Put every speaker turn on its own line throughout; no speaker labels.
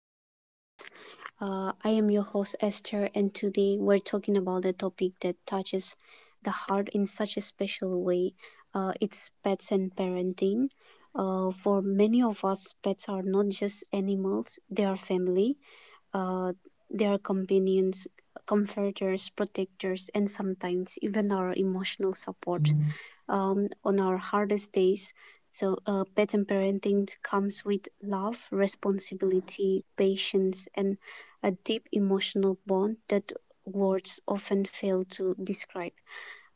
to the podcast. I am your host, Esther, and today we're talking about a topic that touches the heart in such a special way. It's pets and parenting. For many of us, pets are not just animals, they are family, uh, they are companions, comforters, protectors, and sometimes even our emotional support on our hardest days. So, pet and parenting comes with love, responsibility, patience, and a deep emotional bond that words often fail to describe.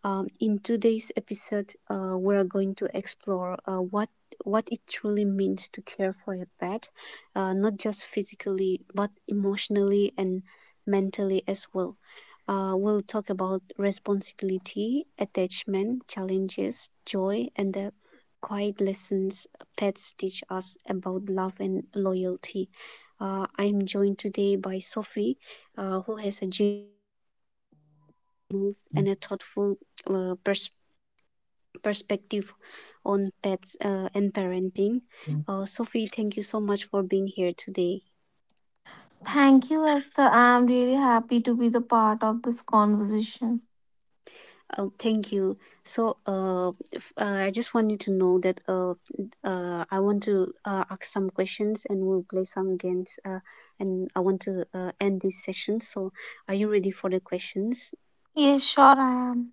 In today's episode, we're going to explore what it truly means to care for a pet, not just physically but emotionally and mentally as well. We'll talk about responsibility, attachment, challenges, joy, and the quiet lessons pets teach us about love and loyalty. I'm joined today by Sophie, who has a generous and a thoughtful uh, perspective perspective on pets and parenting. Sophie, thank you so much for being here today.
Thank you, Esther. I'm really happy to be the part of this conversation.
Thank you. So, I just want you to know that I want to ask some questions and we'll play some games. And I want to end this session. So, are you ready for the questions?
Yes, sure, I am.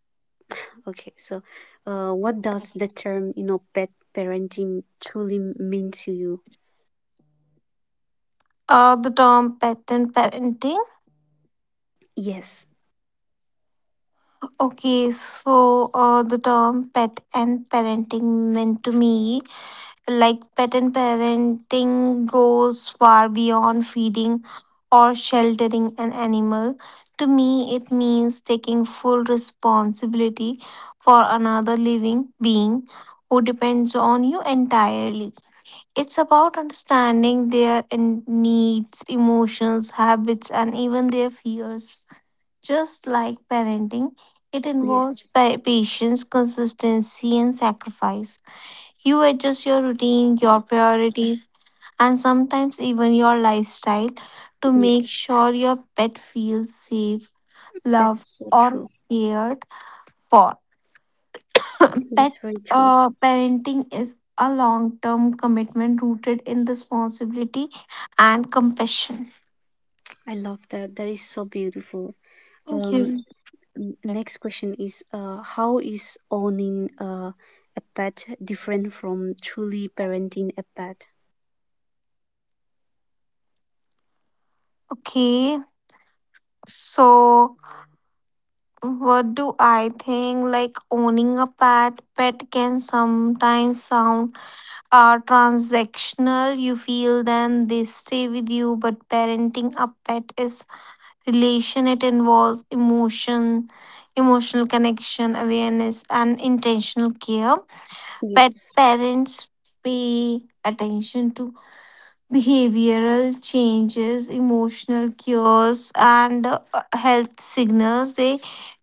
Okay. So, what does the term, you know, pet parenting truly mean to you?
The term pet and parenting.
Yes.
The term pet and parenting meant to me like pattern parenting goes far beyond feeding or sheltering an animal. To me, it means taking full responsibility for another living being who depends on you entirely. It's about understanding their needs, emotions, habits, and even their fears. Just like parenting, it
Yes.
involves patience, consistency, and sacrifice. You adjust your routine, your priorities, and sometimes even your lifestyle to
Yes.
make sure your pet feels safe,
That's
loved,
so
or
true.
cared for. Pet
That's very true.
uh, parenting is a long term commitment rooted in responsibility and compassion.
I love that. That is so beautiful.
Thank
Um,
you.
Next question is how is owning a pet different from truly parenting a pet?
Okay, so what do I think? Like owning a pet, can sometimes sound are transactional. You feel them, they stay with you. But parenting a pet is relation. It involves emotional connection, awareness, and intentional care. Pet
Yes.
parents pay attention to behavioral changes, emotional cures, and health signals. They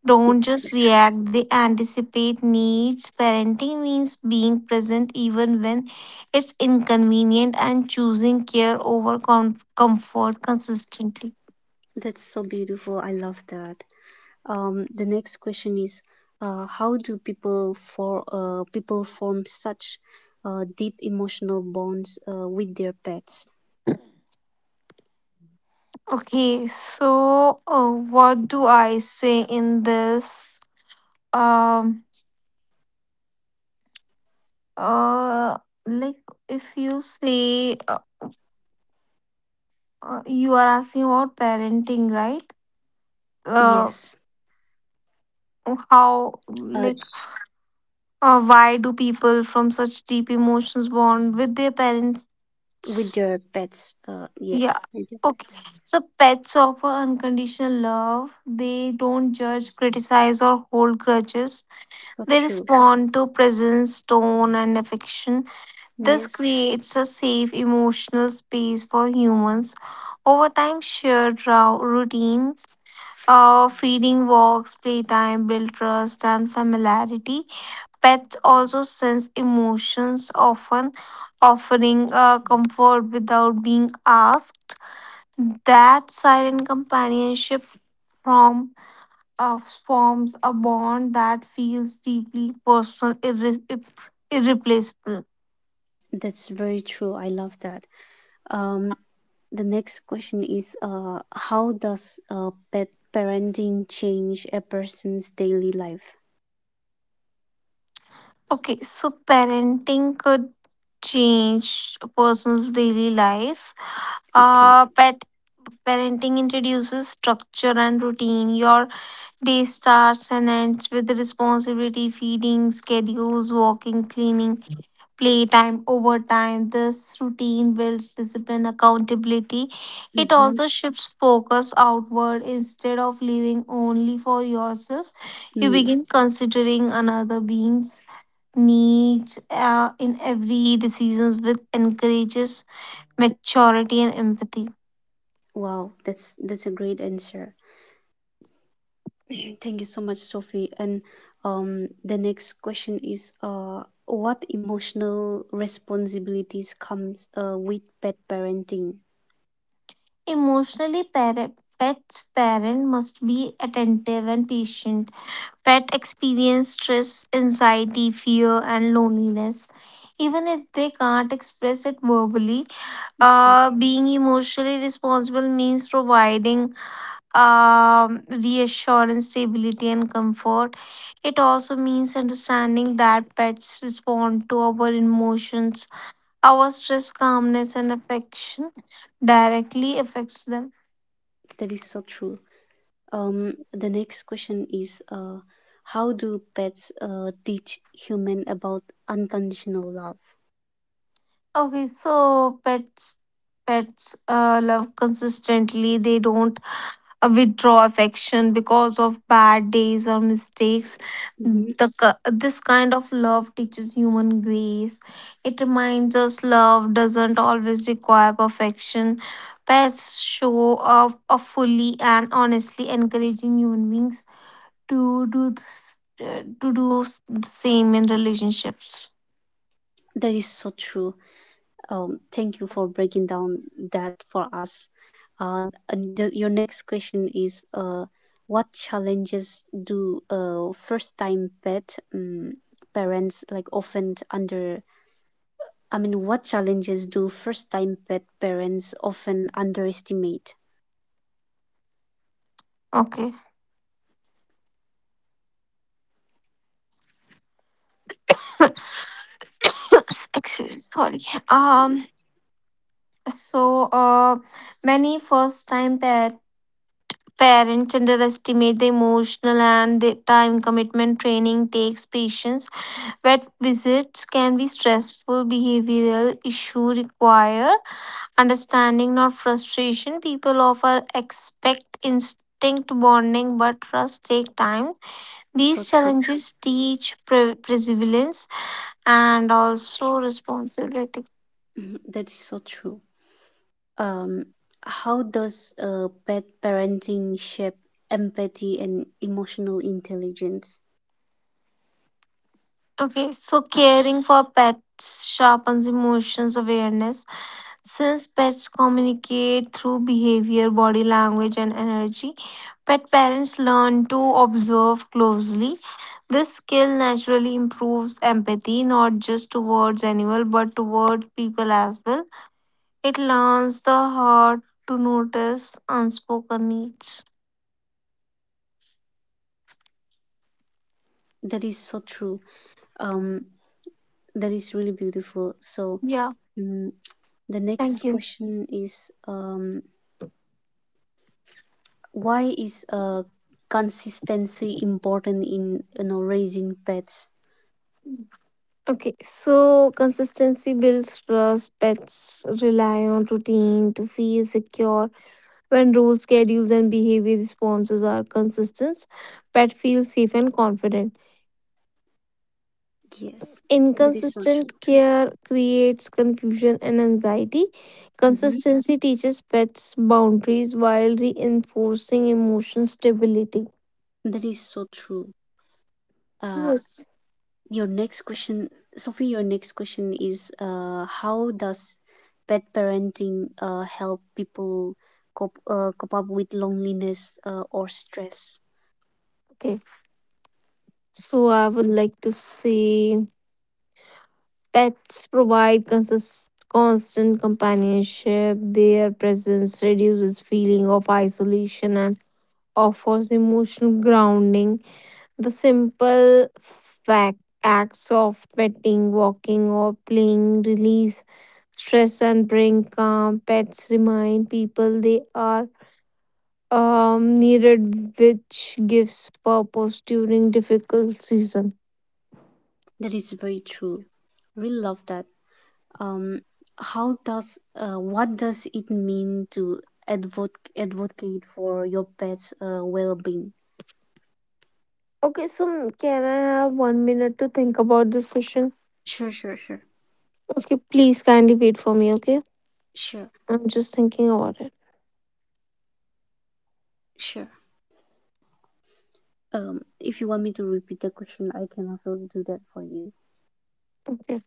don't just react, they anticipate needs. Parenting means being present even when it's inconvenient and choosing care over comfort consistently.
That's so beautiful. I love that. The next question is how do people form such deep emotional bonds with their pets?
Okay, so what do I say in this? Um, uh, like if you say you are asking about parenting,
Yes.
right? uh,
Uh,
how like Why do people from such deep emotions bond with their
with
parents?
their pets. Yes. With their pets.
Yeah okay so pets offer unconditional love. They don't judge, criticize, or hold
So
grudges.
true.
They respond to presence, tone, and affection.
Yes.
This creates a safe emotional space for humans. Over time, shared routine, feeding, walks, playtime build trust and familiarity. Pets also sense emotions, often offering comfort without being asked. That silent companionship from uh, forms a bond that feels deeply personal, irreplaceable.
That's very true. I love that. Um, the next question is how does pet parenting change a person's daily life?
Okay, so parenting could change a person's daily life.
Okay.
Pet parenting introduces structure and routine. Your day starts and ends with responsibility, feeding, schedules, walking, cleaning, playtime, overtime. This routine builds discipline, accountability. It
Mm-hmm.
also shifts focus outward instead of living only for yourself. You
Mm.
begin considering another being's needs in every decisions with encourages maturity and empathy.
Wow, that's a great answer. Thank you so much, Sophie. And the next question is what emotional responsibilities comes with pet parenting?
Pet's parent must be attentive and patient. Pet experience stress, anxiety, fear, and loneliness. Even if they can't express it verbally,
Okay.
being emotionally responsible means providing reassurance, stability, and comfort. It also means understanding that pets respond to our emotions, our stress, calmness, and affection directly affects them.
That is so true. The next question is how do pets teach human about unconditional love?
Okay, so pets pets love consistently. They don't withdraw affection because of bad days or mistakes.
Hmm.
This kind of love teaches human grace. It reminds us love doesn't always require perfection. Pets show up fully and honestly, encouraging human beings to do this, to do the same in relationships.
That is so true. Thank you for breaking down that for us. Uh, and your next question is what challenges do first time pet parents like often under I mean what challenges do first time pet parents often underestimate?
Okay. Excuse me, sorry. Um. So, uh, many first-time parents underestimate the emotional and the time commitment training takes patience. Vet visits can be stressful. Behavioral issues require understanding, not frustration. People often expect instinct bonding, but trust take time.
So
These
true.
challenges teach perseverance and also responsibility.
Mhm. That is so true. Um, how does bad parenting shape empathy and emotional intelligence?
Okay, so caring for pets sharpens emotions awareness. Since pets communicate through behavior, body language, and energy, pet parents learn to observe closely. This skill naturally improves empathy, not just towards animals but towards people as well. It learns the heart to notice unspoken needs.
That is so true. Um, That is really beautiful. So,
Yeah,
mm the next
thank you.
question is why is consistency important in, you know, raising pets?
Okay, so consistency builds trust. Pets rely on routine to feel secure. When rules, schedules, and behavior responses are consistent, pet feels safe and confident.
Yes, that is so
Inconsistent
true.
care creates confusion and anxiety.
Mhm.
Consistency teaches pets boundaries while reinforcing emotion stability.
That is so true. Uh,
Yes.
your next question, Sophie. Your next question is how does pet parenting help people cope up with loneliness or stress?
Okay. So I would like to say pets provide constant companionship. Their presence reduces feeling of isolation and offers emotional grounding. The simple fact acts of petting, walking, or playing release stress and bring calm. Pets remind people they are needed, which gives purpose during difficult season.
That is very true. Really love that. Um, how does what does it mean to advocate advocate for your pet's well-being?
Okay, so can I have 1 minute to think about this question?
Sure sure, sure,
Okay, please kindly wait for me. Okay,
sure.
I'm just thinking about it.
Sure. Um, if you want me to repeat the question, I can also do that for you.
Okay.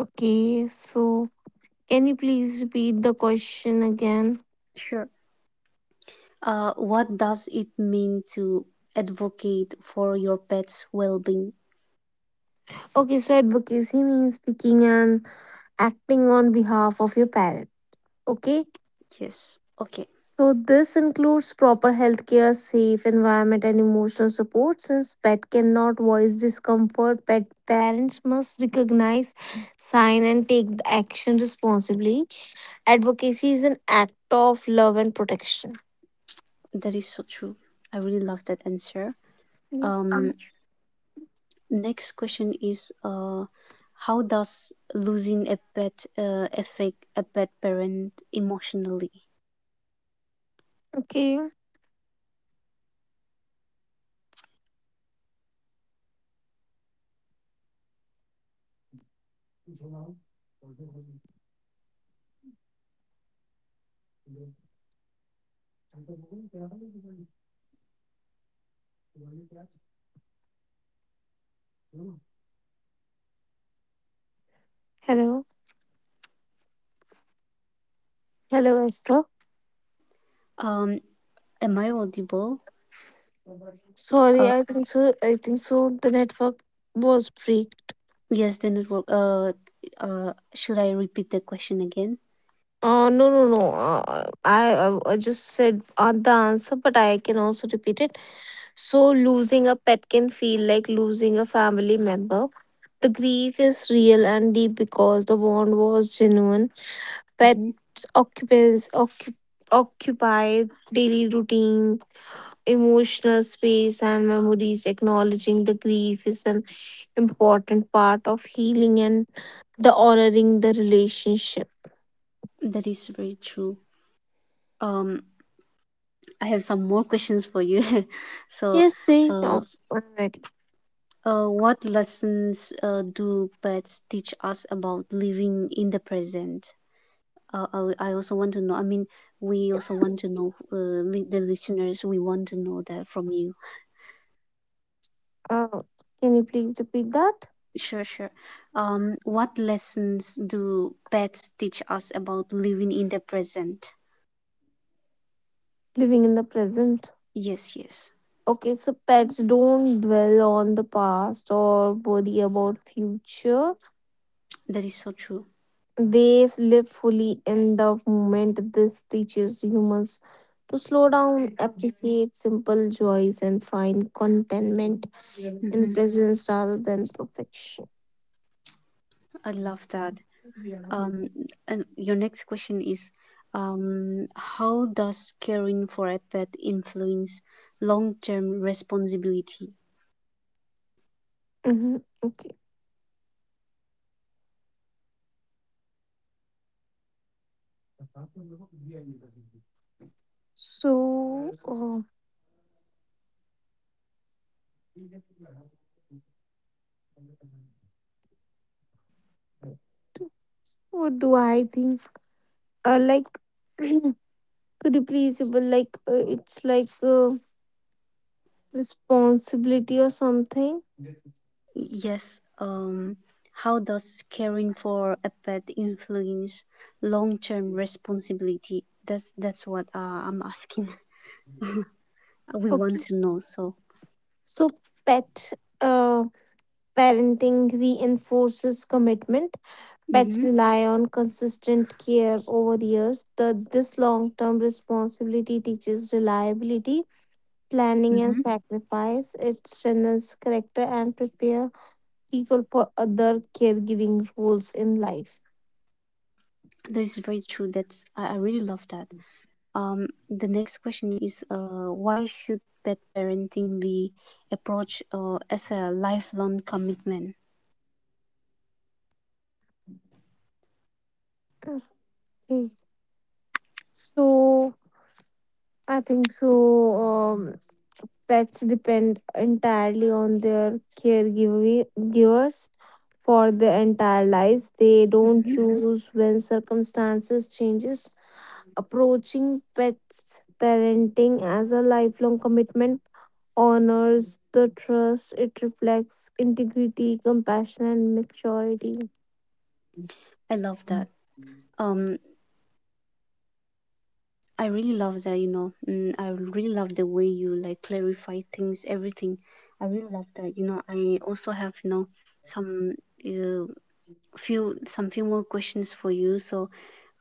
Okay, so can you please repeat the question again?
Sure. Uh, what does it mean to advocate for your pet's well-being?
Okay, so advocacy means speaking and acting on behalf of your parent. Okay,
Yes. Okay.
so this includes proper healthcare, safe environment, and emotional support. Since pet cannot voice discomfort, pet parents must recognize, sign, and take the action responsibly. Advocacy is an act of love and protection.
That is so true. I really love that answer.
Yes.
Um, next question is how does losing a pet affect a pet parent emotionally?
Okay. Hello. Hello, Esther.
Um, am I audible?
Sorry,
Uh,
I think so. I think so. The network was break.
yes, the network. Uh, should I repeat the question again?
No, no, no. I just said the answer, but I can also repeat it. So, losing a pet can feel like losing a family member. The grief is real and deep because the bond was genuine.
Mhm.
Pets occupy daily routine, emotional space, and memories. Acknowledging the grief is an important part of healing and the honoring the relationship.
That is very true. Um, I have some more questions for you. So,
Yes, see,
uh,
oh,
what lessons do pets teach us about living in the present? I also want to know. I mean, we also want to know, the listeners, we want to know that from you.
Uh, can you please repeat that?
Sure, sure. What lessons do pets teach us about living in the present?
Living in the present.
Yes, yes,
Okay, so pets don't dwell on the past or worry about future.
that is so true.
They live fully in the moment. This teaches humans to slow down, appreciate simple joys, and find contentment in
Mm-hmm.
presence rather than perfection.
I love that. Um, and your next question is, how does caring for a pet influence long-term responsibility?
Hmm. Okay, so uh, what do I think? Like, could you please, but like, it's like. Responsibility or something.
Yes, how does caring for a pet influence long-term responsibility? That's what I'm asking. We want
Okay.
to know. So,
So pet uh, parenting reinforces commitment. Pets
mm-hmm,
rely on consistent care over the years. This long term responsibility teaches reliability, planning, and
mm-hmm.
sacrifice. It strengthens character and prepare people for other caregiving roles in life.
That is very true. I really love that. The next question is, why should pet parenting be approached as a lifelong commitment?
Okay. So I think so. Um, Pets depend entirely on their caregivers for their entire lives. They don't
Mm-hmm.
choose when circumstances changes. Approaching pets parenting as a lifelong commitment honors the trust. It reflects integrity, compassion, and maturity.
I love that. Um, I really love that, you know. Mm, I really love the way you like clarify things, everything. I really love that, you know. I also have, you know, some uh, some few more questions for you. So,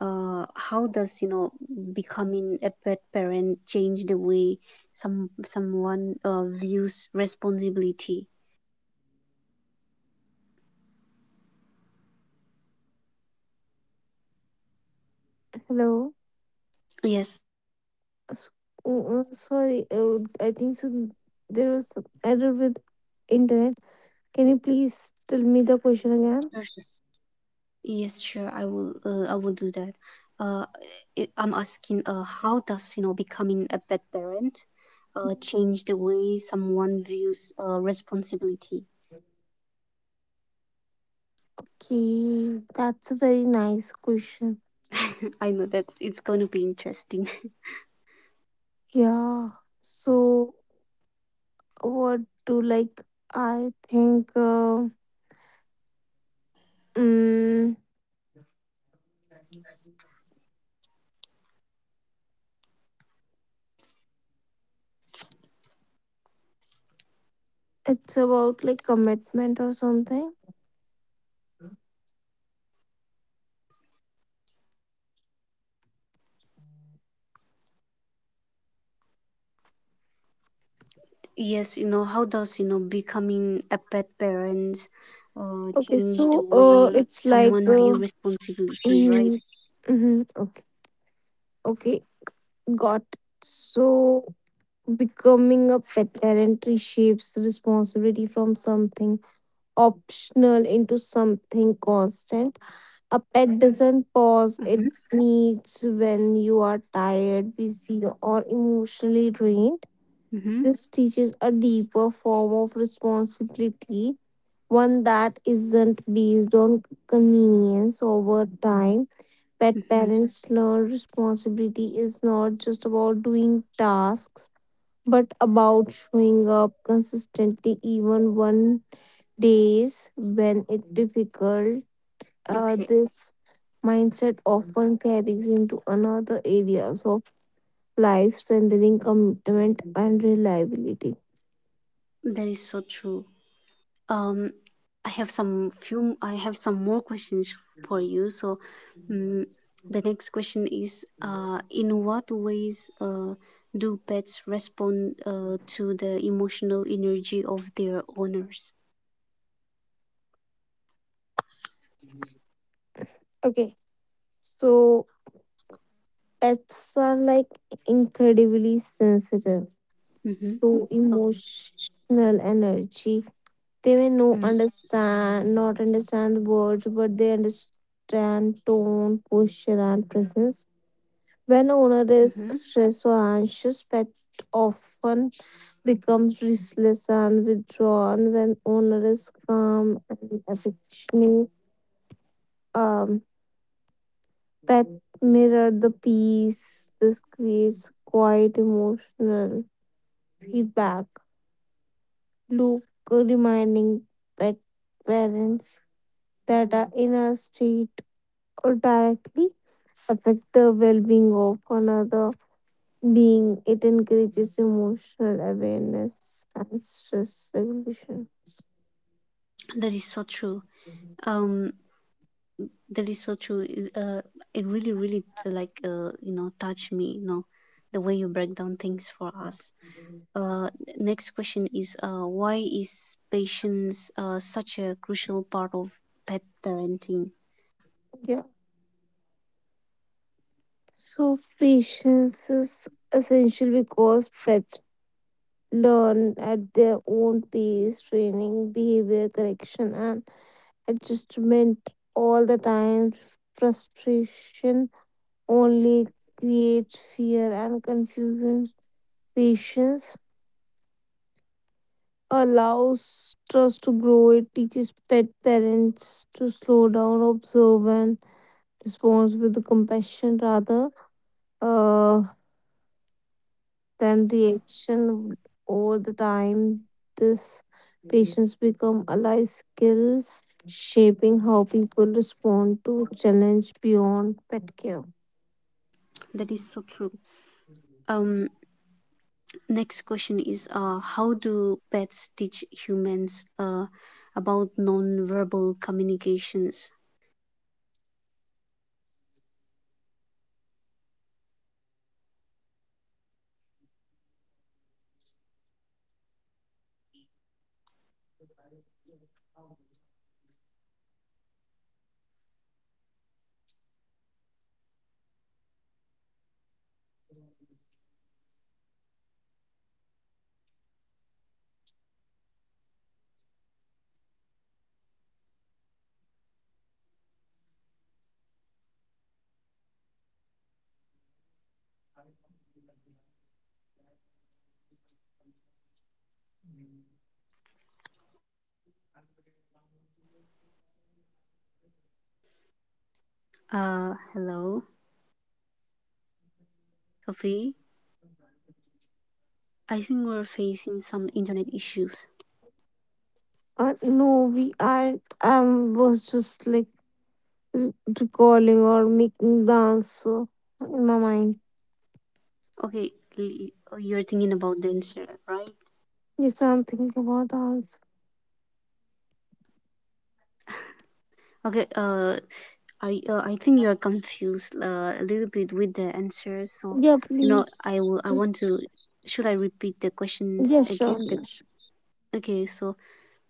how does, you know, becoming a pet parent change the way someone views responsibility?
hello
Yes.
S- uh, Sorry, I think so there was some error with internet. Can you please tell me the question
Yes,
again?
sure. I will. I will do that. Uh, I'm asking. How does, you know, becoming a pet parent, change the way someone views responsibility?
Okay, that's a very nice question.
I know that it's going to be interesting.
Yeah. So, what do like? I think uh, mm, it's about like commitment or something.
Yes, you know, how does, you know, becoming a pet parent, change the way someone view responsibility,
Okay,
right?
so it's like you. Hmm okay, okay, s- got. It. So, becoming a parent reshapes responsibility from something optional into something constant.
Mm-hmm.
A pet doesn't pause, it needs when you are tired, busy, or emotionally drained.
Mm-hmm.
This teaches a deeper form of responsibility, one that isn't based on convenience over time. Pet
Mm-hmm.
parents learn responsibility is not just about doing tasks, but about showing up consistently, even one days when it's difficult. Uh,
Okay,
this mindset often carries into another areas of life, strengthening commitment and reliability.
that is so true. Um, I have some few. I have some more questions for you. So, mm the next question is: in what ways do pets respond to the emotional energy of their owners?
Okay, so pets are like incredibly
Mm-hmm.
sensitive to emotional
Mm-hmm.
energy. They may not understand words, but they understand tone, posture, and
Mm-hmm.
presence. When owner is stressed or anxious, pet often becomes restless and withdrawn. When owner is calm and affectionate, Um, pet mirror the peace. This creates quite emotional feedback loop, reminding pet parents that our inner state or directly affect the well-being of another being. It encourages emotional awareness and stress regulation.
That is so true. Um, that is so true It- uh, it really really you know, touch me, you know, the way you break down things for us. uh, Next question is why is patience such a crucial part of pet parenting?
Yeah. So patience is essential because pets learn at their own pace. Training, behavior correction, and adjustment all the time. Frustration only creates fear and confusion. Patience allows trust to grow. It teaches pet parents to slow down, observe, and respond with compassion rather uh, then reaction. Over the time this patience become a life skill shaping how people respond to challenge beyond pet care.
That is so true. Um, next question is how do pets teach humans about non-verbal communications? Hello, Sophie. I think we're facing some internet issues.
No, we are was just like r- recalling or making the answer in my mind.
Okay, l- you're thinking about the answer, right?
Yes, I'm thinking about the answer.
Okay, I think you're confused a little bit with the answers. So,
Yeah,
you know,
please.
I will. I
Just
want to. Should I repeat the questions
yeah, sure,
again?
yeah, sure.
Okay, so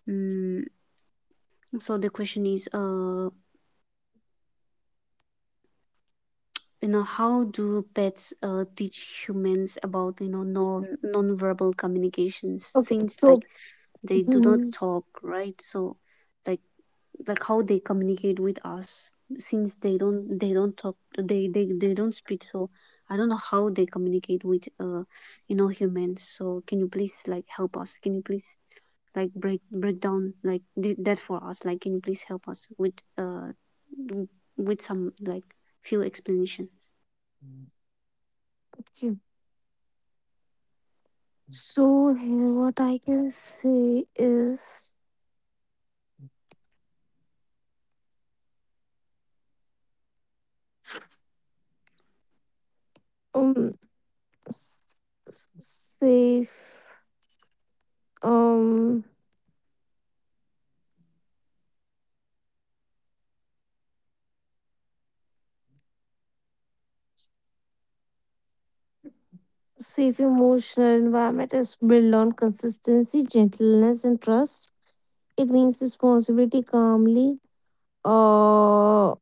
um, so the question is, you know, how do pets teach humans about, you know, non-verbal communications?
Okay,
Since
so
like they do not
mhm,
talk, right? So, like like how they communicate with us, since they don't talk, they don't speak. So I don't know how they communicate with you know humans, so can you please like help us, can you please like break down, like do that for us, like can you please help us with some like few explanations.
okay. So here, what I can say is um s- s- safe um safe emotional environment is built on consistency, gentleness, and trust. It means responsibility calmly, uh,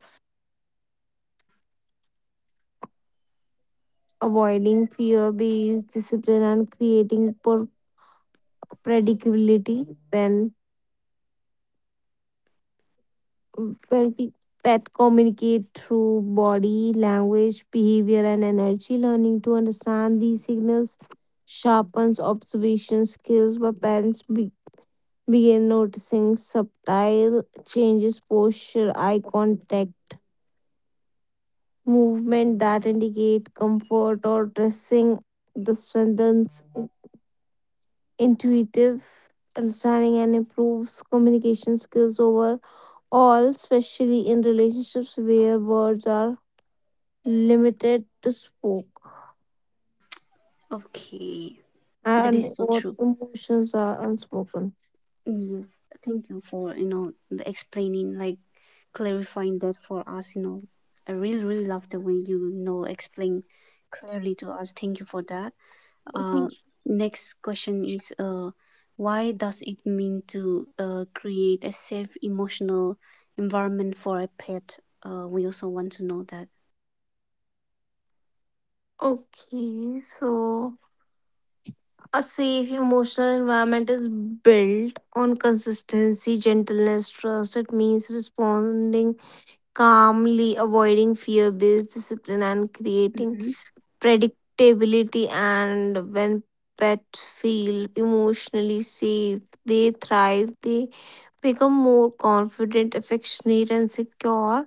avoiding fear-based discipline and creating predictability. When When we pet communicate through body language, behavior, and energy, learning to understand these signals sharpens observation skills. But parents begin noticing subtle changes, posture, eye contact, movement that indicate comfort or dressing. This strengthens intuitive understanding and improves communication skills over all especially in relationships where words are limited to spoke
Okay. That is
and
so
what
true.
emotions are unspoken.
Yes, thank you for, you know, the explaining, like clarifying that for us, you know. I really, really love the way you, you know, explain clearly to us. Thank you for that.
Okay.
Uh, next question is, why does it mean to create a safe emotional environment for a pet? We also want to know that.
Okay, so a safe emotional environment is built on consistency, gentleness, trust. It means responding calmly, avoiding fear based discipline, and creating
Hmm.
predictability. And when pets feel emotionally safe, they thrive, they become more confident, affectionate, and secure.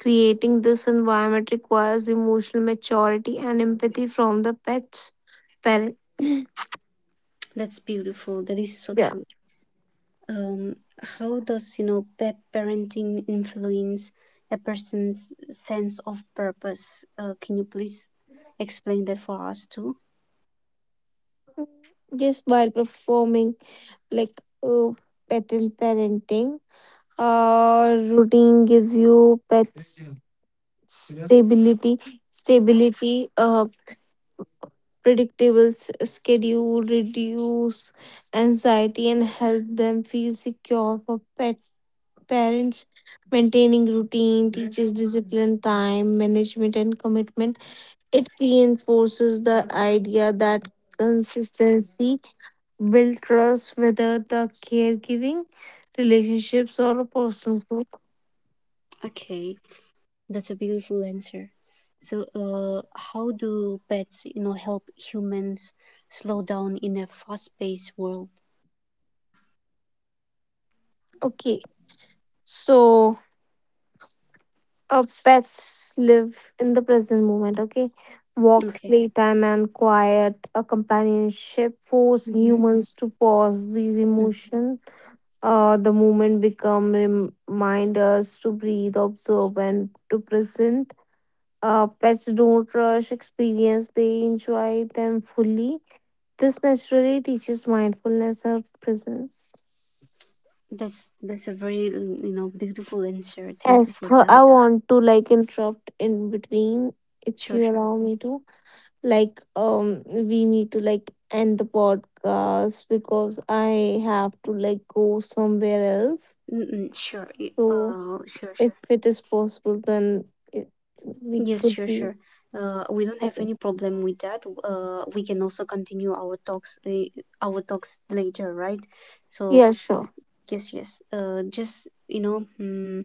Creating this environment requires emotional maturity and empathy from the pet's parent.
That's beautiful. That is so
Yeah.
true. Um, how does, you know, pet parenting influence a person's sense of purpose? Can you please explain that for us too?
Yes, while performing like uh, pattern parenting, routine gives you pets stability, stability, predictable schedule, reduce anxiety, and help them feel secure. For pet parents, maintaining routine teaches discipline, time management, and commitment. It reinforces the idea that consistency builds trust, whether the caregiving relationships or a personal growth.
Okay, that's a beautiful answer. So, how do pets, you know, help humans slow down in a fast-paced world?
Okay, so pets live in the present moment. Okay, walks,
Okay.
playtime, and quiet a companionship force
Mm-hmm.
humans to pause these emotions. The moment become remind us to breathe, observe, and to present. Pets don't rush experience; they enjoy them fully. This naturally teaches mindfulness and presence.
That's a very mm, you know, beautiful answer. Thank you for
Esther, I
that.
want to like interrupt in between if
Sure,
you
sure.
allow me to. Like, we need to like end the podcast because I have to like go somewhere else.
Mm-mm,
So
sure,
if
sure.
it is possible, then it, we
Yes,
could
sure,
do.
sure. We don't have
Okay.
any problem with that. We can also continue our talks later, right? So
Yeah, sure.
yes, yes. Just, you know, mm,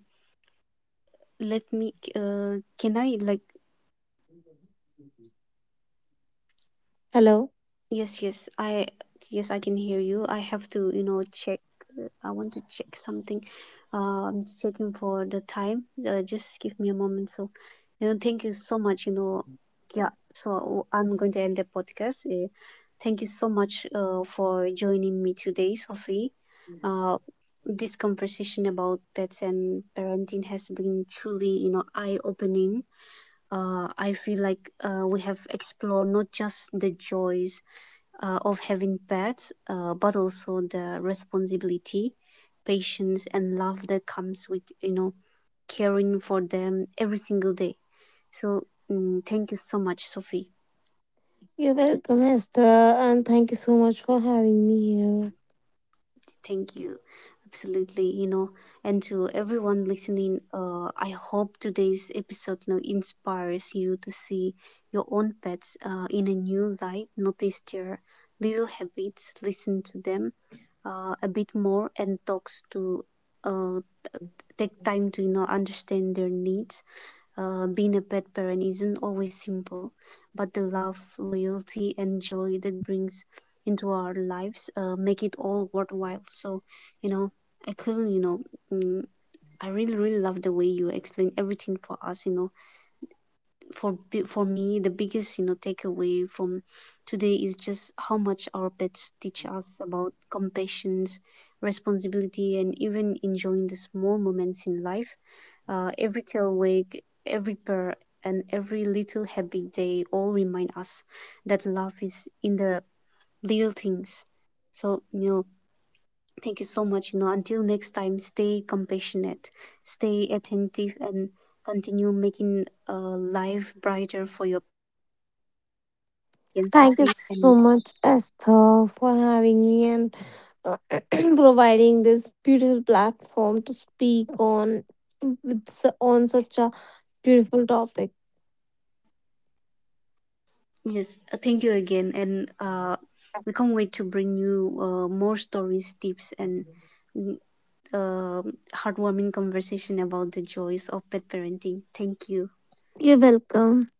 let me. Can I like.
Hello.
Yes, yes, I can hear you. I have to, you know, check. I want to check something. I'm just checking for the time. Just give me a moment. So, you know, thank you so much. You know, yeah. So I'm going to end the podcast. Thank you so much for joining me today, Sophie. Uh, this conversation about pets and parenting has been truly, you know, eye-opening. I feel like we have explored not just the joys of having pets, but also the responsibility, patience, and love that comes with, you know, caring for them every single day. So mm, thank you so much, Sophie.
You're welcome, Esther, and thank you so much for having me here.
Thank you, absolutely. You know, and to everyone listening, I hope today's episode, you know, inspires you to see your own pets in a new light, notice their little habits, listen to them a bit more, and talks to uh, take time to, you know, understand their needs. Being a pet parent isn't always simple, but the love, loyalty and joy that brings into our lives make it all worthwhile. So, you know, I couldn't, you know, mm, I really really love the way you explain everything for us, you know. For me, the biggest, you know, takeaway from today is just how much our pets teach us about compassion, responsibility, and even enjoying the small moments in life. Every tail wag, every purr, and every little happy day all remind us that love is in the little things. So, you know, thank you so much. You know, until next time, stay compassionate, stay attentive, and continue making life brighter for your kids, Sophie. And
Thank you so much, Esther, for having me and uh, providing this beautiful platform to speak on on such a beautiful topic.
yes, thank you again. And we can't wait to bring you more stories, tips, and uh, heartwarming conversation about the joys of pet parenting. Thank you.
You're welcome.